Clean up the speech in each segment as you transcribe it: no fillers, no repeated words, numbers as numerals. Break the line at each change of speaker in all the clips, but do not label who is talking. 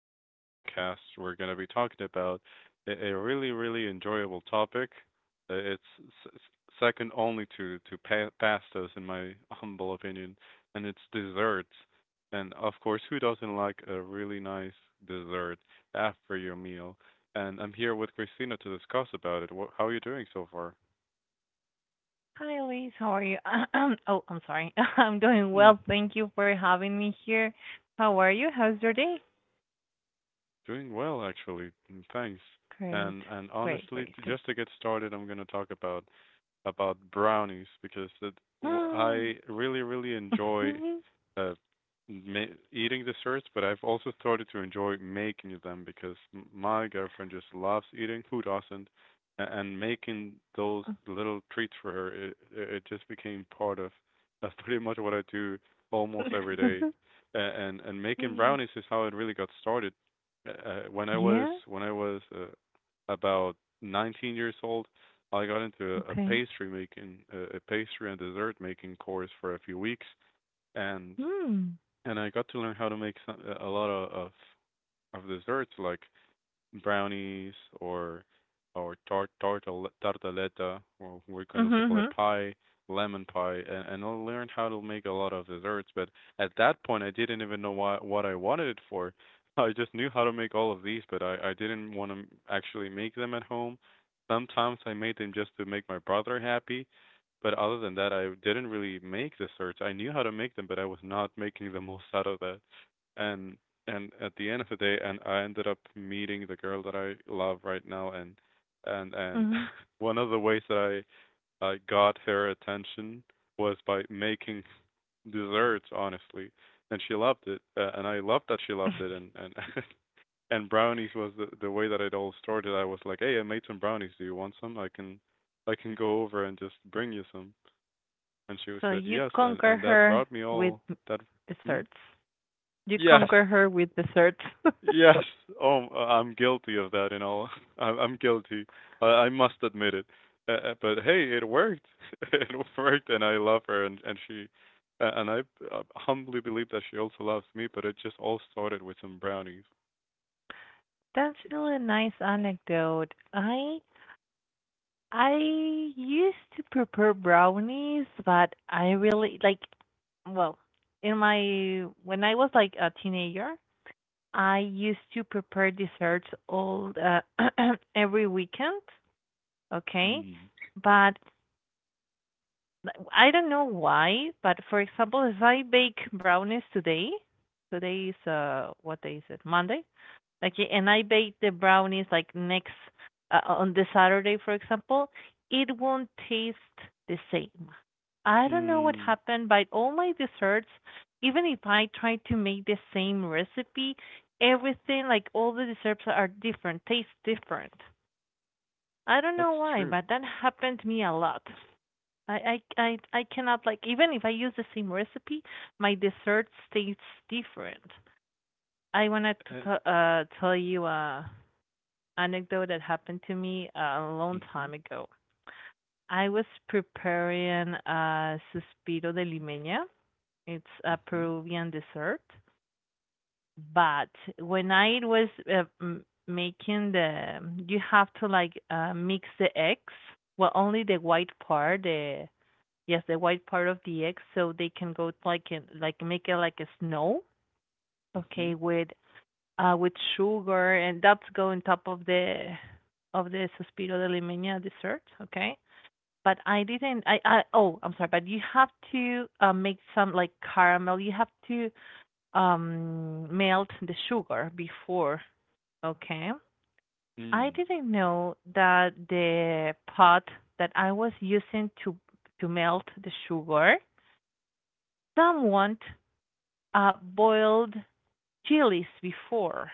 today's podcast, we're going to be talking about a really, really enjoyable topic. It's second only to to pastas, in my humble opinion, and it's desserts. And of course, who doesn't like a really nice dessert after your meal? And I'm here with Christina to discuss about it. How are you doing so far?
Hi, Elise. How are you? Oh, I'm sorry. I'm doing well. Thank you for having me here. How are you? How's your day?
Doing well, actually. Thanks.
Great.
And
Great,
honestly,
great.
just to get started, I'm gonna talk about brownies because I really really enjoy uh, ma- eating desserts, but I've also started to enjoy making them because my girlfriend just loves eating. Who doesn't? And making those little treats for her, it just became part of that's pretty much what I do almost every day. And making brownies is how it really got started.
Yeah?
When I was about 19 years old, I got into a
Okay.
pastry making, a pastry and dessert making course for a few weeks, and
Hmm.
and I got to learn how to make a lot of, of desserts like brownies or or tartaleta, or we can
Mm-hmm.
also call it
Mm-hmm.
pie, lemon pie, and I learned how to make a lot of desserts. But at that point, I didn't even know what I wanted it for. I just knew how to make all of these, but I didn't want to actually make them at home. Sometimes I made them just to make my brother happy, but other than that, I didn't really make desserts. I knew how to make them, but I was not making the most out of that. And and at the end of the day, and I ended up meeting the girl that I love right now, and
Mm-hmm.
one of the ways that I got her attention was by making desserts, honestly. And she loved it, and I loved that she loved it, and and brownies was the way that it all started. I was like, hey, I made some brownies, do you want some? I can I can go over and just bring you some. And she
So
said
you
yes, and
conquer
and that
her
brought me
with
all that. Hmm?
desserts. You
Yes.
conquer her with desserts.
Yes. Oh, I'm guilty of that. You know, I'm guilty. I must admit it. But hey, it worked. It worked, and I love her, and she, and I, humbly believe that she also loves me. But it just all started with some brownies.
That's really a nice anecdote. I used to prepare brownies, but I really like, well, in my when I was like a teenager, I used to prepare desserts all every weekend, okay?
Mm.
But I don't know why, but for example, if I bake brownies today, today is what day is it? Monday. Okay, and I bake the brownies like next on the Saturday, for example, it won't taste the same. I don't know what
Mm.
happened, but all my desserts, even if I try to make the same recipe, everything like all the desserts are different, taste different. I don't know
That's
why,
true.
but that happened to me a lot. I cannot like even if I use the same recipe, my desserts taste different. I wanted to
Uh,
tell you anecdote that happened to me a long
mhm.
time ago. I was preparing a suspiro de limeña. It's a
Mhm.
Peruvian dessert, but when I was making the, you have to like mix the eggs. Well, only the white part, the yes, the white part of the eggs, so they can go like in, like make it like a snow. Okay,
Mhm.
with sugar, and that's go on top of the Suspiro de Limeña dessert. Okay, but I didn't. I oh, I'm sorry, but you have to make some like caramel. You have to melt the sugar before. Okay, I
Mm.
didn't know that the pot that I was using to melt the sugar, someone boiled chilies before.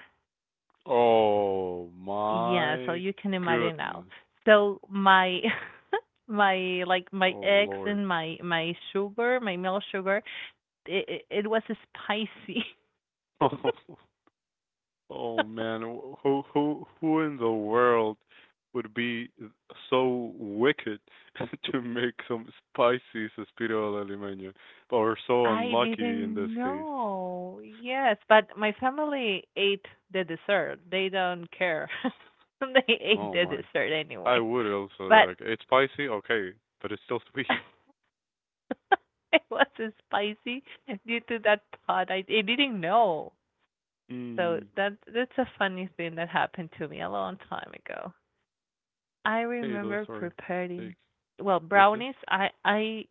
Oh
Yeah, so
my
you can imagine now.
goodness.
So my my like my
Oh
eggs
Lord.
and my sugar, my milk sugar, it was spicy.
Oh man, who in the world would be so wicked to make some spicy suspiro al limeño, or so
I
unlucky in this
didn't
case?
know. Yes, but my family ate the dessert. They don't care. They ate
Oh
the
my,
dessert
I
anyway.
would also
But
like it's spicy, okay, but it's still sweet.
it was spicy due to that pot. I didn't know. So
Mm.
that's a funny thing that happened to me a long time ago. I
Hey, those
remember
are mistakes.
preparing well
Yes, yes.
brownies. I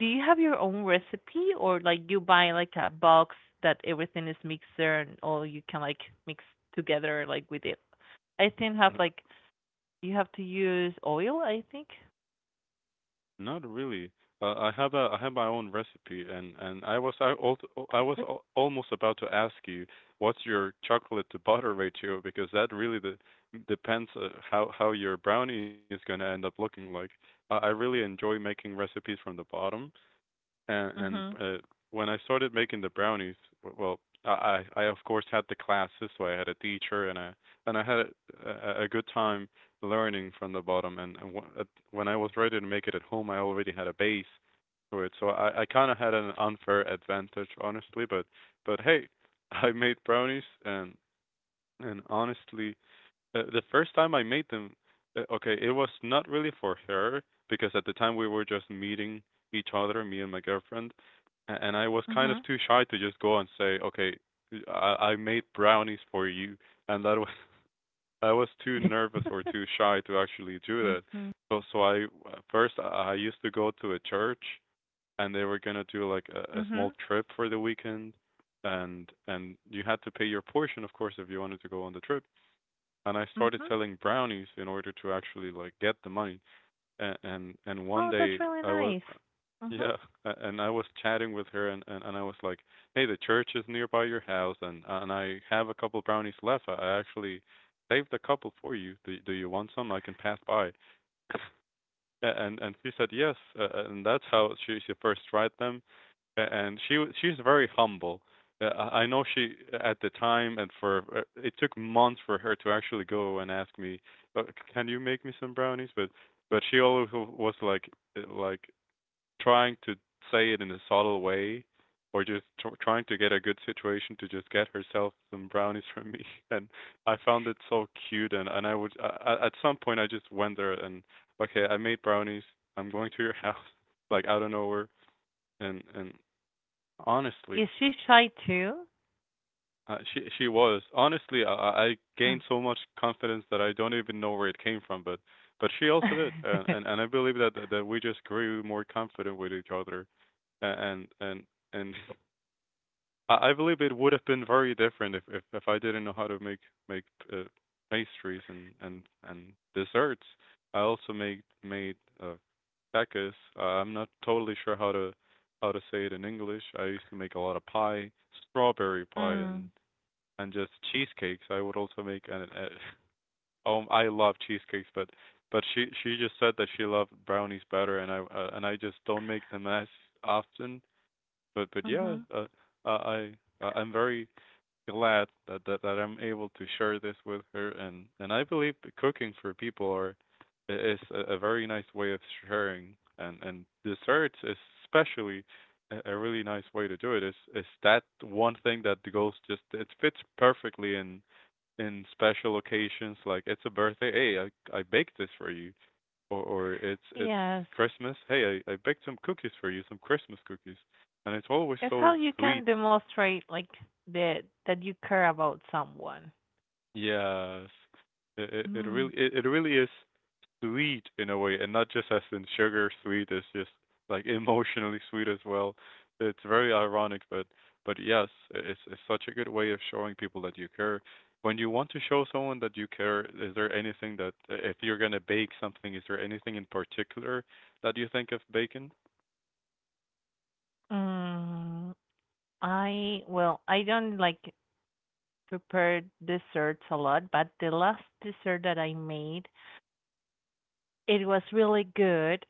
Do you have your own recipe or like you buy like a box that everything is mixed there and all you can like mix together like with it? I think have like you have to use oil, I think.
Not really. I have a I have my own recipe, and I was I al- I was al- almost about to ask you what's your chocolate to butter ratio because that really depends how your brownie is gonna end up looking like. I really enjoy making recipes from the bottom, and and
Mhm.
uh, when I started making the brownies, well, I of course had the classes, so I had a teacher, and I had a good time learning from the bottom. And when I was ready to make it at home, I already had a base for it, so I kind of had an unfair advantage, honestly. But hey, I made brownies, and honestly, the first time I made them, okay, it was not really for her because at the time we were just meeting each other, me and my girlfriend, and I was kind of
Mhm.
too shy to just go and say, okay, I made brownies for you, and that was I was too nervous or too shy to actually do
Mhm.
that.
Mhm.
So I, first I used to go to a church, and they were gonna do like a small
Mhm.
trip for the weekend, and you had to pay your portion, of course, if you wanted to go on the trip, and I started selling brownies in order to actually like get the money. And one
Oh,
day
that's really
I was,
nice. Mhm.
yeah, and I was chatting with her, and I was like, "Hey, the church is nearby your house, and I have a couple brownies left. I actually saved a couple for you. Do you want some? I can pass by." And she said yes, and that's how she first tried them. And she's very humble. I know she at the time, and for, it took months for her to actually go and ask me, uh, "Can you make me some brownies?" But she always was like, like, trying to say it in a subtle way or just trying to get a good situation to just get herself some brownies from me, and I found it so cute, and I would, at some point I just went there and, okay, I made brownies, I'm going to your house, like out of nowhere. And honestly,
Is she shy too?
she was, honestly, I
Oh
gained so much confidence that I don't even know where it came from, but she also did, and I believe that, we just grew more confident with each other, and and and I believe it would have been very different if if I didn't know how to make make uh, pastries and and desserts. I also made, uh, cakes. I'm not totally sure how to say it in English. I used to make a lot of pie, strawberry pie, and
Mm.
and just cheesecakes. I would also make. And I love cheesecakes, but she just said that she loved brownies better, and I, and I just don't make them as often. But yeah,
Mhm.
I, I'm very glad that, that I'm able to share this with her, and I believe that cooking for people are is a very nice way of sharing, and desserts is especially a really nice way to do it. Is that one thing that goes, just it fits perfectly in special occasions. Like it's a birthday, hey, I baked this for you, or it's
Yes.
Christmas, hey, I baked some cookies for you, some Christmas cookies, and it's always
It's how
so
you
sweet.
can demonstrate like that that you care about someone.
Yes. It it
Mm.
really it really is sweet in a way, and not just as in sugar sweet, it's just like emotionally sweet as well. It's very ironic, but yes, it's such a good way of showing people that you care. When you want to show someone that you care, is there anything that, if you're gonna bake something, is there anything in particular that you think of baking?
Mm. I well, I don't like prepare desserts a lot, but the last dessert that I made, it was really good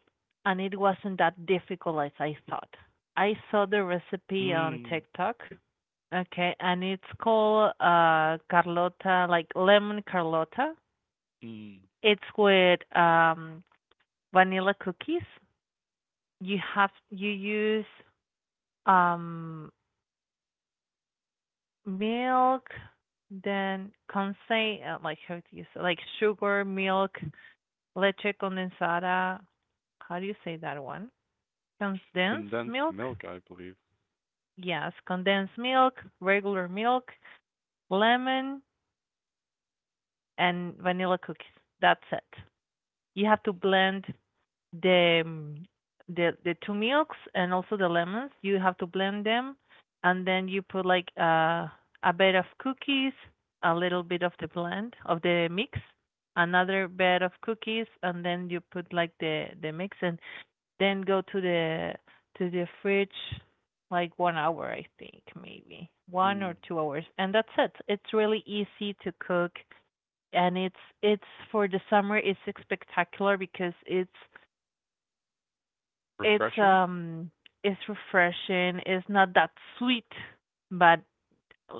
and it wasn't that difficult as I thought. I saw the recipe on
Mm.
TikTok. Okay, and it's called Carlota, like lemon Carlota.
Mm.
It's with vanilla cookies. You use um, milk, then conse like how do you say like sugar, milk, leche condensada. How do you say that one? Condensed
Condensed
milk.
milk, I believe.
Yes, condensed milk, regular milk, lemon, and vanilla cookies. That's it. You have to blend the the two milks and also the lemons. You have to blend them, and then you put like a bed of cookies, a little bit of the blend of the mix, another bed of cookies, and then you put like the mix, and then go to the fridge like 1 hour, I think maybe one
Mm.
or two hours, and that's it. It's really easy to cook, and it's for the summer. It's spectacular because it's
Refreshing?
um it's refreshing. It's not that sweet, but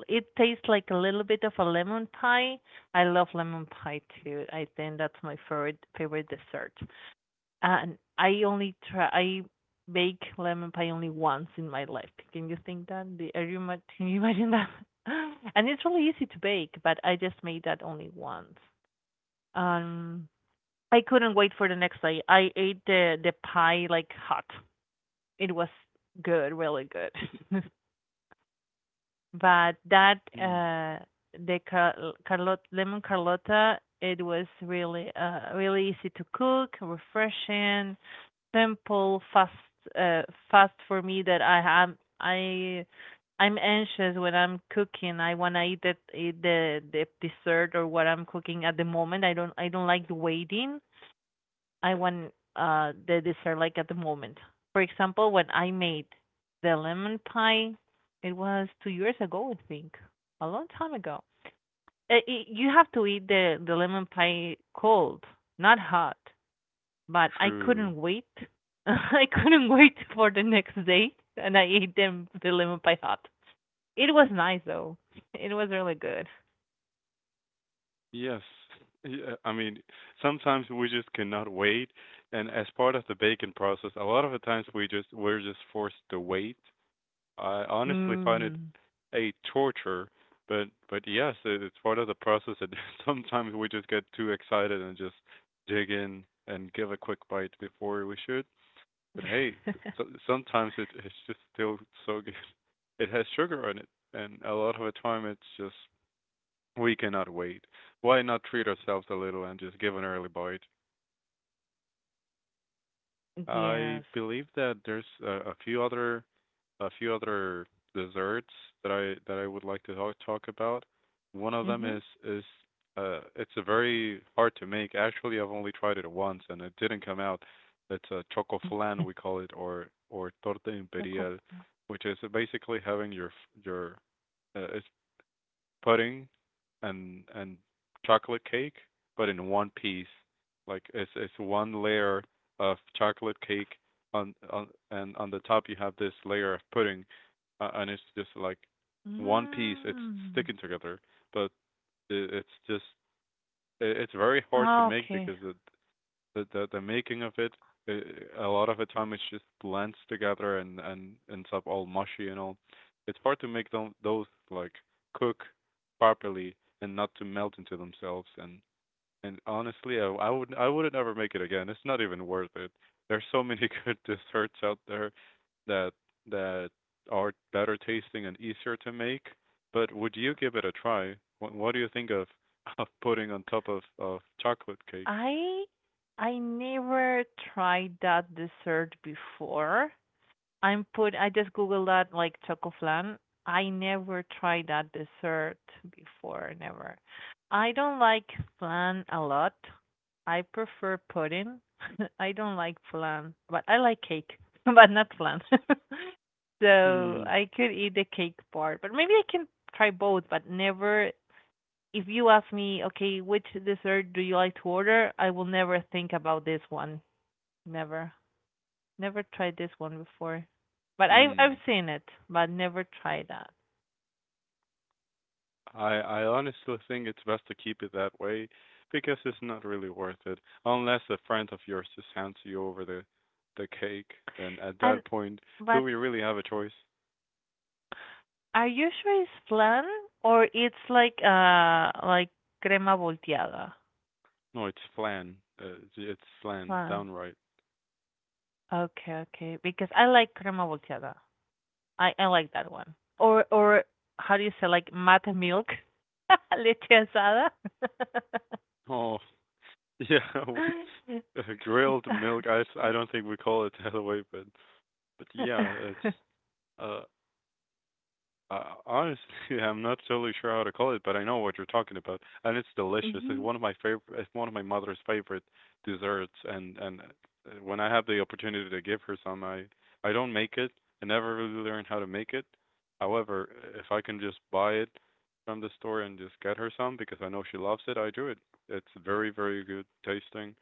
it tastes like a little bit of a lemon pie. I love lemon pie too. I think that's my favorite favorite dessert. And I bake lemon pie only once in my life. Can you think that? Can you imagine that? And it's really easy to bake, but I just made that only once. Um, I couldn't wait for the next day. I ate the pie like hot, it was good, really good. But that
Mm.
the car- Carlot lemon Carlotta, it was really really easy to cook, refreshing, simple, fast uh fast for me that I'm anxious when I'm cooking. I wanna eat it, eat the dessert or what I'm cooking at the moment. I don't like waiting. I want the dessert like at the moment. For example, when I made the lemon pie, it was 2 years ago, I think, a long time ago. You have to eat the lemon pie cold, not hot. But I
True.
couldn't wait. I couldn't wait for the next day, and I ate them the lemon pie hot. It was nice though. It was really good.
Yes. Yeah, I mean, sometimes we just cannot wait, and as part of the baking process, a lot of the times we just we're just forced to wait. I honestly find it
Mm.
a torture, but yes, it's part of the process, and sometimes we just get too excited and just dig in and give a quick bite before we should. But hey, so, sometimes it's just still so good. It has sugar on it, and a lot of the time it's just we cannot wait. Why not treat ourselves a little and just give an early bite? I
Yes.
believe that there's a few other desserts that I would like to talk, about. One of them
Mhm.
is, it's a very hard to make. Actually, I've only tried it once and it didn't come out. It's a choco flan, we call it, or torta
Choco
imperial, which is basically having your it's pudding and chocolate cake, but in one piece. Like it's one layer of chocolate cake on and on the top you have this layer of pudding, and it's just like one piece. It's
Mm.
sticking together, but it's just it's very hard to
Ah,
make
okay.
because the making of it, a lot of the time it just blends together and ends up all mushy and all. It's hard to make them those like cook properly and not to melt into themselves. And honestly, I would I would never make it again. It's not even worth it. There's so many good desserts out there that that are better tasting and easier to make. But would you give it a try? What do you think of of putting on top of chocolate cake?
I I never tried that dessert before. I just googled that like choco flan. I never tried that dessert before, never. I don't like flan a lot. I prefer pudding. I don't like flan, but I like cake, but not flan. So
Hmm.
I could eat the cake part, but maybe I can try both, but never if you ask me, okay, which dessert do you like to order? I will never think about this one. Never. Never tried this one before. But I've
Mm.
seen it, but never tried that.
I honestly think it's best to keep it that way because it's not really worth it unless a friend of yours just hands you over the cake. And at
And
that point, do
but
we really have a choice?
are you sure it's flan or it's like crema volteada?
No, it's flan. It's flan,
Flan.
downright.
Okay, okay. Because I like crema volteada. I like that one. Or how do you say like mate milk? Leche asada.
Oh, yeah, we- grilled milk. I don't think we call it that way, but yeah, it's uh honestly, I'm not totally sure how to call it, but I know what you're talking about, and it's delicious. It's
Hmm.
one of my favorite. It's one of my mother's favorite desserts, and when I have the opportunity to give her some, I don't make it. I never really learned how to make it. However, if I can just buy it from the store and just get her some because I know she loves it, I do it. It's very, very good tasting.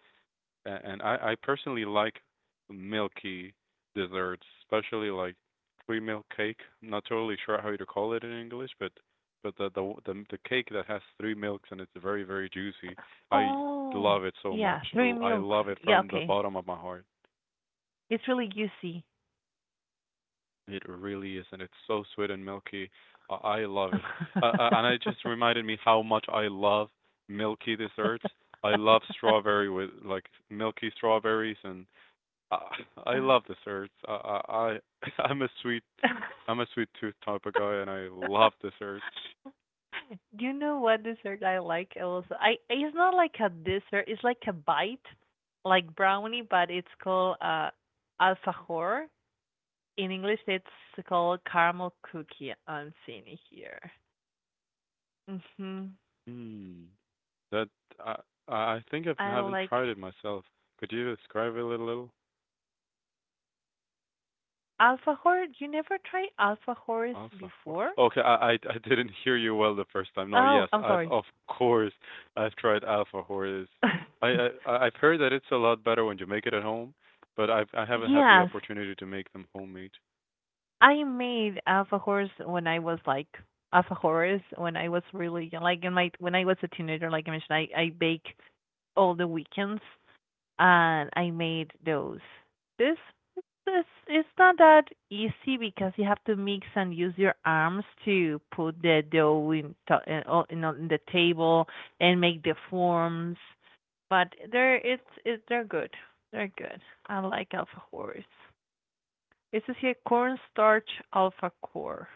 A- and I personally like milky desserts, especially like free milk cake. I'm not totally sure how to call it in English, but the cake that has three milks and it's very very juicy. I
Oh,
love it so
yeah,
much.
three
I
milks.
love it
Yeah,
from the
okay.
bottom of my heart.
It's really juicy.
It really is, and it's so sweet and milky. I love it. And it just reminded me how much I love milky desserts. I love strawberry with like milky strawberries and I I love desserts. I'm a sweet tooth type of guy, and I love desserts.
Do you know what dessert I like also? I It's not like a dessert, it's like a bite, like brownie, but it's called alfajor. In English, it's called caramel cookie. I'm seeing it here. Mhm.
Hmm. That I I think I
I
haven't
like.
tried it myself. Could you describe it a little?
Alfajor, you never tried alfajores before?
Okay, I didn't hear you well the first time. No,
Oh,
yes,
I'm
I've
sorry.
of course I've tried alpha Horses. I've heard that it's a lot better when you make it at home, but I haven't had the
Yes,
opportunity to make them homemade.
I made alfajors when I was like alfajores when I was really young, like in my when I was a teenager, like I mentioned, I bake all the weekends and I made those. This this it's not that easy because you have to mix and use your arms to put the dough in to, in, oh, in, on the table and make the forms. But they're it's they're good. They're good. I like alfajores. It says here cornstarch alfajor.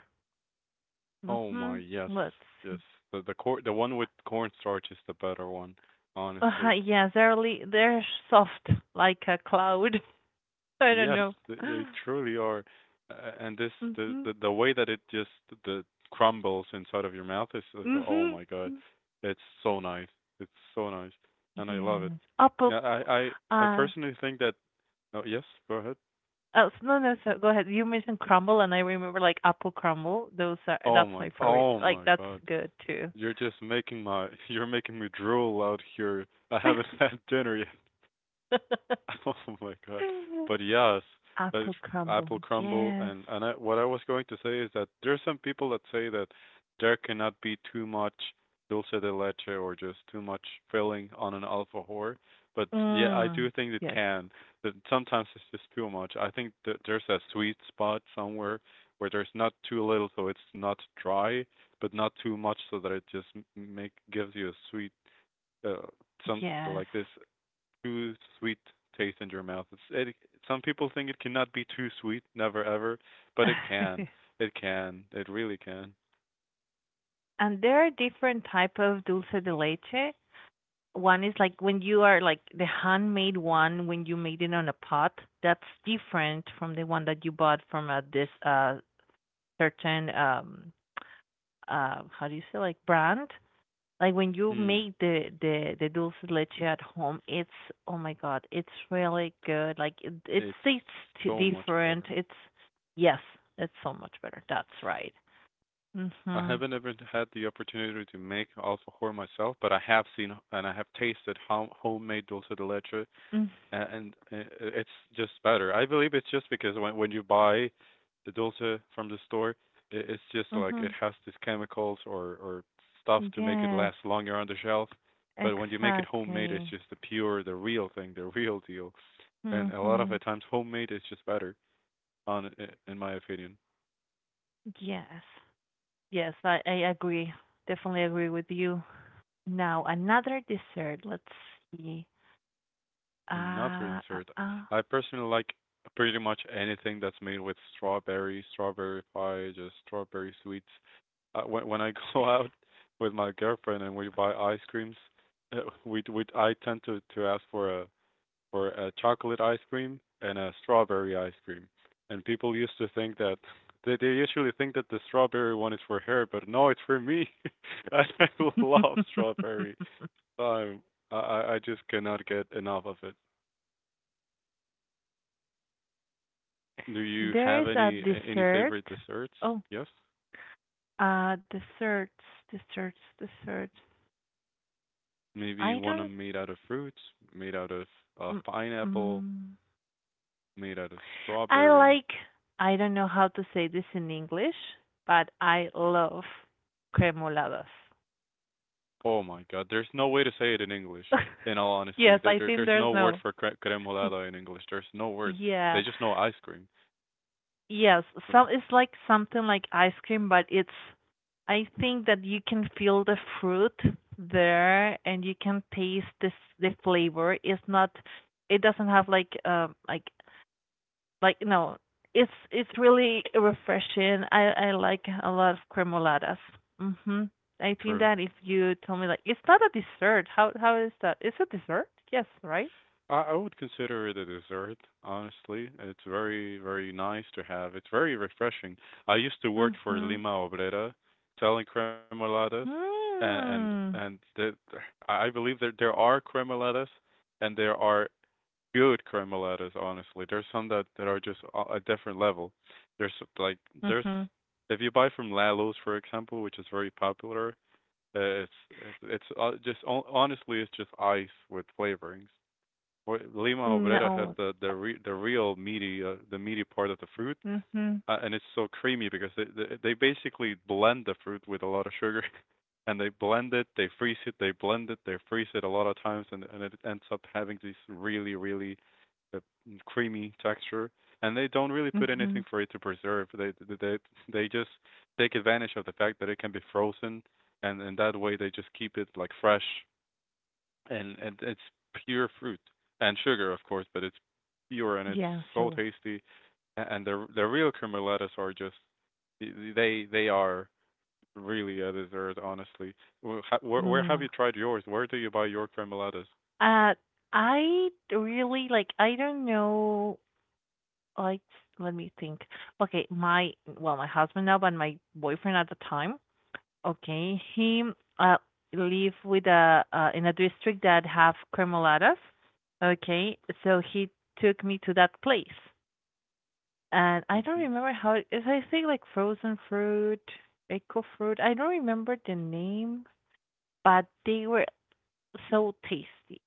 Oh my,
Mhm.
yes,
Let's
yes.
see.
The cor the one with cornstarch is the better one, honestly.
Yes, they're soft like a cloud. I don't
Yes,
know.
they truly are. And this the,
Mhm.
the way that it just the crumbles inside of your mouth is oh
Mhm.
my God, it's so nice. It's so nice, and I love it.
Yes. Apple,
Yeah, I I
uh,
personally think that. Oh yes, go ahead.
oh, no, no, so go ahead. You mentioned crumble, and I remember like apple crumble.
Oh
That's
my,
my favorite.
oh
Like,
my
that's
God.
good too.
You're just making you're making me drool out here. I haven't had dinner yet. Oh my God. But yes, that
Apple crumble.
apple crumble
Yes.
and what I was going to say is that there's some people that say that there cannot be too much dulce de leche or just too much filling on an alfajor. But yeah, I do
Mm.
think it
Yes.
can. That sometimes it's just too much. I think that there's a sweet spot somewhere where there's not too little, so it's not dry, but not too much, so that it just m- make gives you a sweet uh, some
Yes.
like this too sweet taste in your mouth. It, some people think it cannot be too sweet, never ever, but it can. It can. It really can.
And there are different type of dulce de leche. One is like when you are like the handmade one when you made it on a pot. That's different from the one that you bought from a this certain how do you say like brand. Like when you
Mm.
make the dulce de leche at home, it's oh my god, it's really good. Like it
It's
tastes
so much
different.
better.
It's yes, it's so much better, that's right.
I
Mhm.
haven't ever had the opportunity to make alfajor myself, but I have seen and I have tasted homemade dulce de leche
Mm,
and it's just better. I believe it's just because when you buy the dulce from the store, I it's just like
mhm.
it has these chemicals or stuff to make it
Yes,
last longer on the shelf. But when you make it homemade, it's
exactly.
just the pure, the real thing, the real deal. And a lot of the
Mhm.
times, homemade is just better, on in my opinion.
Yes, yes, I agree, definitely agree with you. Now another dessert, let's see.
And not really
Ah, ah,
dessert.
ah.
I personally like pretty much anything that's made with strawberry, strawberry pie, just strawberry sweets. When I go out with my girlfriend and we buy ice creams, we I tend to ask for a chocolate ice cream and a strawberry ice cream. And people used to think that they usually think that the strawberry one is for her, but no, it's for me. I love strawberry. Um, I I just cannot get enough of it. Do you
There
have
is a
any
dessert.
favorite desserts?
Oh,
Yes.
desserts, desserts, desserts.
Maybe
I
one
don't.
made out of fruits, made out of
Mm,
pineapple,
mm.
made out of
I
strawberry.
like. I don't know how to say this in English, but I love cremoladas.
Oh my God, there's no way to say it in English. In all honesty,
Yes, I think
there's
there's
no word
no.
for cremolada in English. There's no word. They
Yeah.
just know ice cream.
Yes,
Uh,
some it's like something like ice cream, but it's I think that you can feel the fruit there and you can taste this the flavor. It's not it doesn't have like no. It's really refreshing. I like a lot of cremoladas. Mhm. I think
True.
that if you tell me like it's not a dessert. How is that? It's a dessert? Yes, right?
I would consider it a dessert, honestly. It's very, very nice to have. It's very refreshing. I used to work for
Mhm.
Lima Obrera, selling cremoladas, and
Mm.
the, I believe there are cremoladas, and there are good cremoladas. Honestly, there's some that are just a different level. There's like there's
Mhm.
If you buy from Lalo's, for example, which is very popular, uh, it's it's just honestly it's just ice with flavorings. Well, Lima Obrera has
No.
the real meaty the meaty part of the fruit,
Mhm.
and it's so creamy because they basically blend the fruit with a lot of sugar, and they blend it, they freeze it, they blend it, they freeze it a lot of times, and it ends up having this really uh, creamy texture. And they don't really put anything
Mhm.
for it to preserve. They they just take advantage of the fact that it can be frozen, and that way they just keep it like fresh and it's pure fruit and sugar, of course, but it's pure and it's
Yeah,
so
sure.
tasty. And the real cremolatas are just they are really a dessert, honestly. Where have
Mm.
you tried yours? Where do you buy your cremolatas?
Uh, I really like I don't know like let me think. Okay, my well, my husband now, but my boyfriend at the time, okay, he uh live with a in a district that have cremoladas. Okay, so he took me to that place. And I don't
Mm-hmm.
remember how it is. I think like frozen fruit, eco fruit. I don't remember the name, but they were so tasty.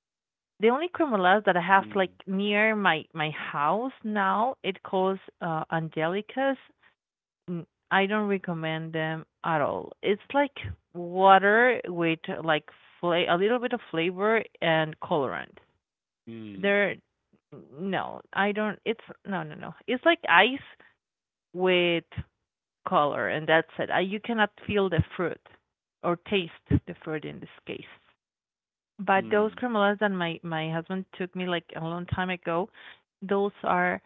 The only cremolas that I have like
Mm.
near my my house now, it calls Angelicas. Mm, I don't recommend them at all. It's like water with like a little bit of flavor and colorant.
Mm.
They're no, I don't. It's no, no, no. It's like ice with color, and that's it. You cannot feel the fruit or taste the fruit in this case. But those
Mm.
cremolas that my husband took me like a long time ago, those are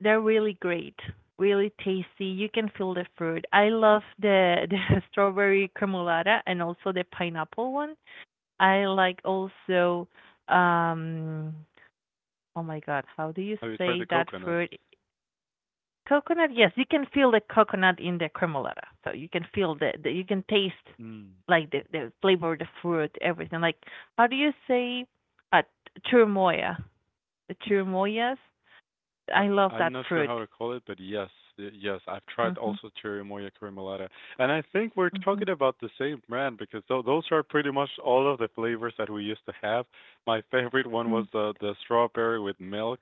they're really great, really tasty. You can feel the fruit. I love the the strawberry cremolata and also the pineapple one. I like also um oh my god, how do you
Have you tried
say
the
that
coconut?
fruit? Coconut, yes, you can feel the coconut in the cremolata. So you can feel the you can taste
Mm.
like the flavor, the fruit, everything. Like how do you say uh, chirimoya? The chirimoyas.
I,
I love
I'm
that
not sure
fruit.
how to call it, but yes, yes, I've tried
Mhm.
also Cherry Moya Creamolata, and I think we're
Mhm.
talking about the same brand because those are pretty much all of the flavors that we used to have. My favorite one was
Mm.
the strawberry with milk.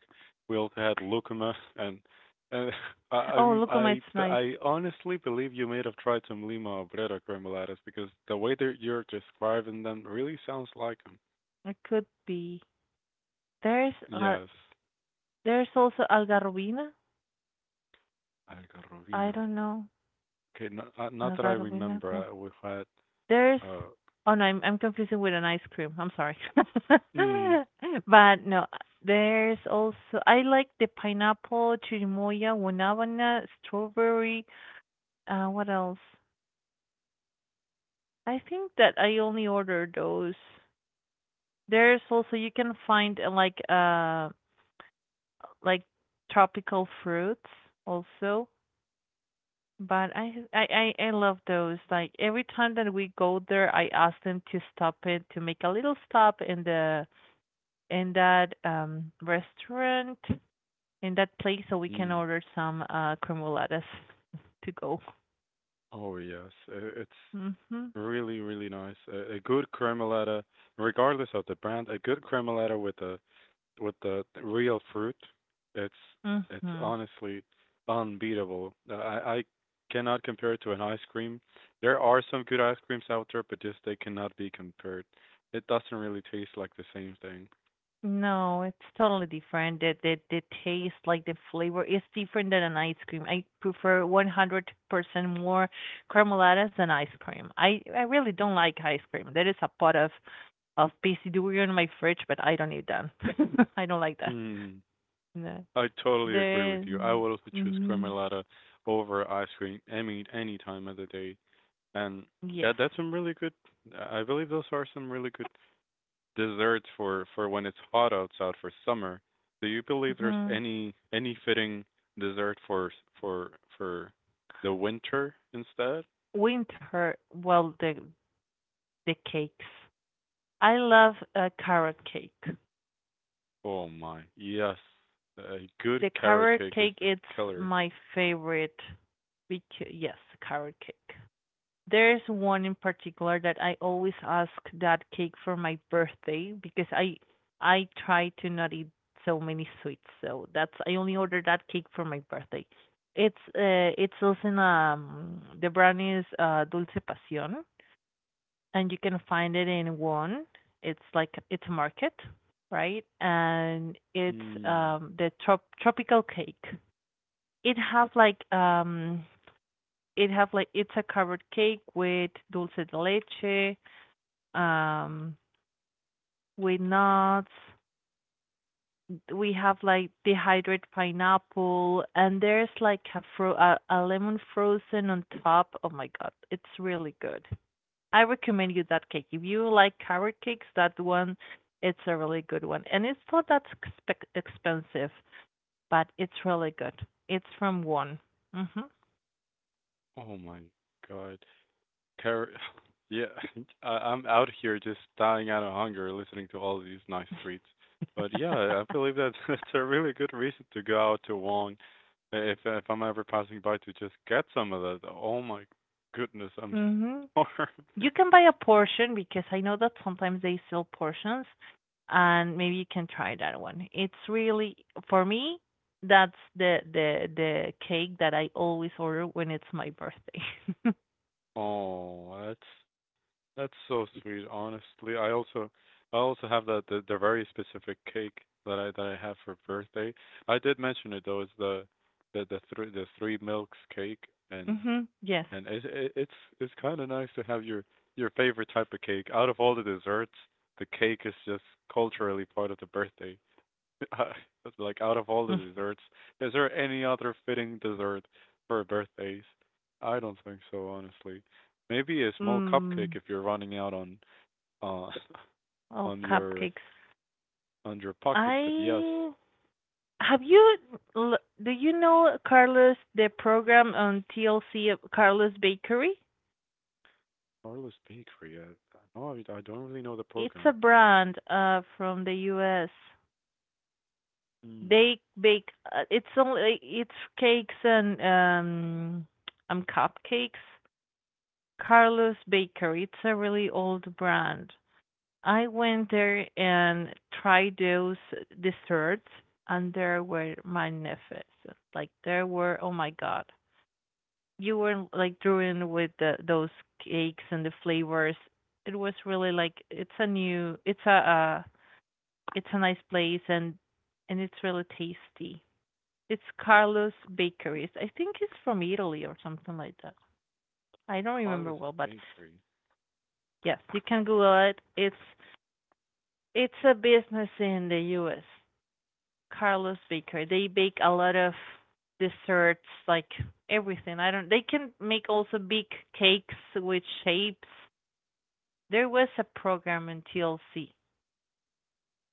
We also had lucuma, and I,
Oh,
I'm
look at my
I
it's
but
nice.
I honestly believe you may have tried some Lima Obrera Cremolatas because the way that you're describing them really sounds like them.
It could be. There's
Yes,
there's also algarubina. I
Algarrobina.
don't know
Okay, not that I
algarubina.
remember. We had
There's
Uh,
Oh no, I'm confusing with an ice cream. I'm sorry.
mm,
But no, there's also I like the pineapple, chirimoya, guanábana, strawberry. What else? I think that I only order those. There's also you can find like tropical fruits also. But I love those. Like every time that we go there, I ask them to stop it to make a little stop in the in that restaurant in that place so we can
mm.
order some cremoladas to go.
Oh yes, it's
Mhm.
really really nice. A good cremolata, regardless of the brand, a good cremolata with the real fruit, it's it's
Mhm.
honestly unbeatable. I cannot compare it to an ice cream. There are some good ice creams out there, but just they cannot be compared. It doesn't really taste like the same thing.
No, it's totally different. The taste, like the flavor, is different than an ice cream. I prefer 100% more cremoladas than ice cream. I really don't like ice cream. There is a pot of pasty durian in my fridge, but I don't eat that. I don't like that.
Hmm.
No.
I totally agree with you. I
Then,
would also choose
mhm.
Gremolata over ice cream any time of the day. And
Yes.
that that's some really good. I believe those are some really good desserts for when it's hot outside for summer. Do you believe there's
Mhm.
any fitting dessert for for the winter instead?
Winter, well, the cakes. I love a carrot cake.
Oh my, yes. A good
The
carrot
carrot
cake is
cake
the
it's
killer.
my favorite because yes, carrot cake. There's one in particular that I always ask that cake for my birthday because I try to not eat so many sweets. So that's I only order that cake for my birthday. It's also in the brand is Dulce Pasión, and you can find it in one. It's like it's a market, right? And it's
Hmm.
the tropical cake. It have like um it have like it's a covered cake with dulce de leche, um with nuts. We have like dehydrated pineapple, and there's like a, a lemon frozen on top. Oh my god, it's really good. I recommend you that cake. If you like carrot cakes, that one it's a really good one, and it's not that expensive, but it's really good. It's from one. Mhm.
Oh my God. Car- yeah, I'm out here just dying out of hunger listening to all these nice treats. But yeah, I believe that that's a really good reason to go out to Wong if I'm ever passing by to just get some of that. Oh my goodness, I'm
Mhm.
starving.
You can buy a portion because I know that sometimes they sell portions, and maybe you can try that one. It's really for me. That's the the cake that I always order when it's my birthday.
Oh, that's so sweet. Honestly, I also have that the very specific cake that I have for birthday. I did mention it though. It's the three milks cake, and
Mhm. Yes.
and it, it's kind of nice to have your favorite type of cake. Out of all the desserts, the cake is just culturally part of the birthday. That's like out of all the desserts, is there any other fitting dessert for birthdays? I don't think so, honestly. Maybe a small cupcake
Mm.
if you're running out on uh
Oh,
on your
cupcakes.
on your pocket, but yes,
I have you l- Do you know Carlos the program on TLC of Carlos Bakery?
Carlos Bakery. No, I don't really know the
It's a
program.
brand from the US.
Hmm,
They bake it's only it's cakes and cupcakes. Carlos Bakery. It's a really old brand. I went there and tried those desserts, and there were magnificent. Like there were oh my god. You were like drawing with those cakes and the flavors. It was really like it's a new, it's a nice place, and it's really tasty. It's Carlos Bakeries. I think it's from Italy or something like that. I don't remember
Carlos
well, but
Bakery.
yes, you can Google it. It's a business in the U.S. Carlos Bakery. They bake a lot of desserts, like everything. I don't. They can make also big cakes with shapes. There was a program in TLC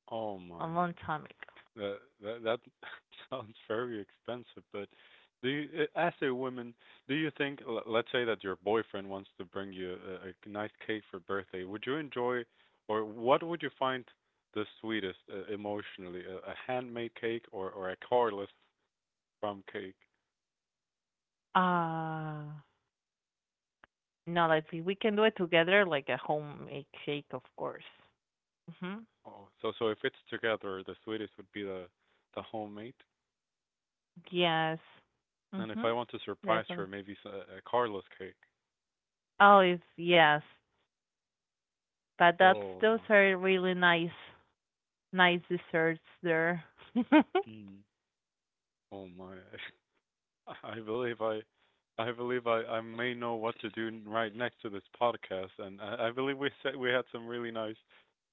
Oh
a
my.
long time ago.
That sounds very expensive, but do you, as a woman, do you think, let's say that your boyfriend wants to bring you a nice cake for birthday, would you enjoy, or what would you find the sweetest emotionally, a handmade cake or a cardless from cake?
Uh, no, like if we can do it together, like a homemade shake, of course. Mhm.
Oh, so so if it's together, the sweetest would be the homemade,
Yes.
and if I
Mhm.
want to surprise
Definitely.
her, maybe a cardless cake.
Oh, it's, yes. But that's
Oh my,
those are really nice, nice desserts there.
mm. Oh my. I believe I, I believe I may know what to do right next to this podcast, and I believe we said we had some really nice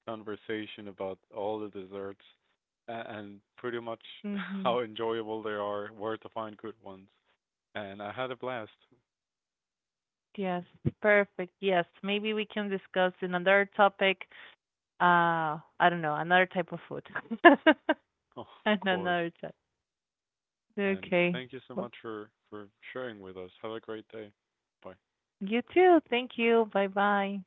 conversation about all the desserts and pretty much how
Mhm.
enjoyable they are, where to find good ones, and I had a blast,
Yes. Perfect. Yes. Maybe we can discuss another topic. I don't know, another type of food.
of
And
course.
another type.
And
Okay.
thank you so
Well,
much for sharing with us. Have a great day. Bye.
you too. Thank you. Bye bye.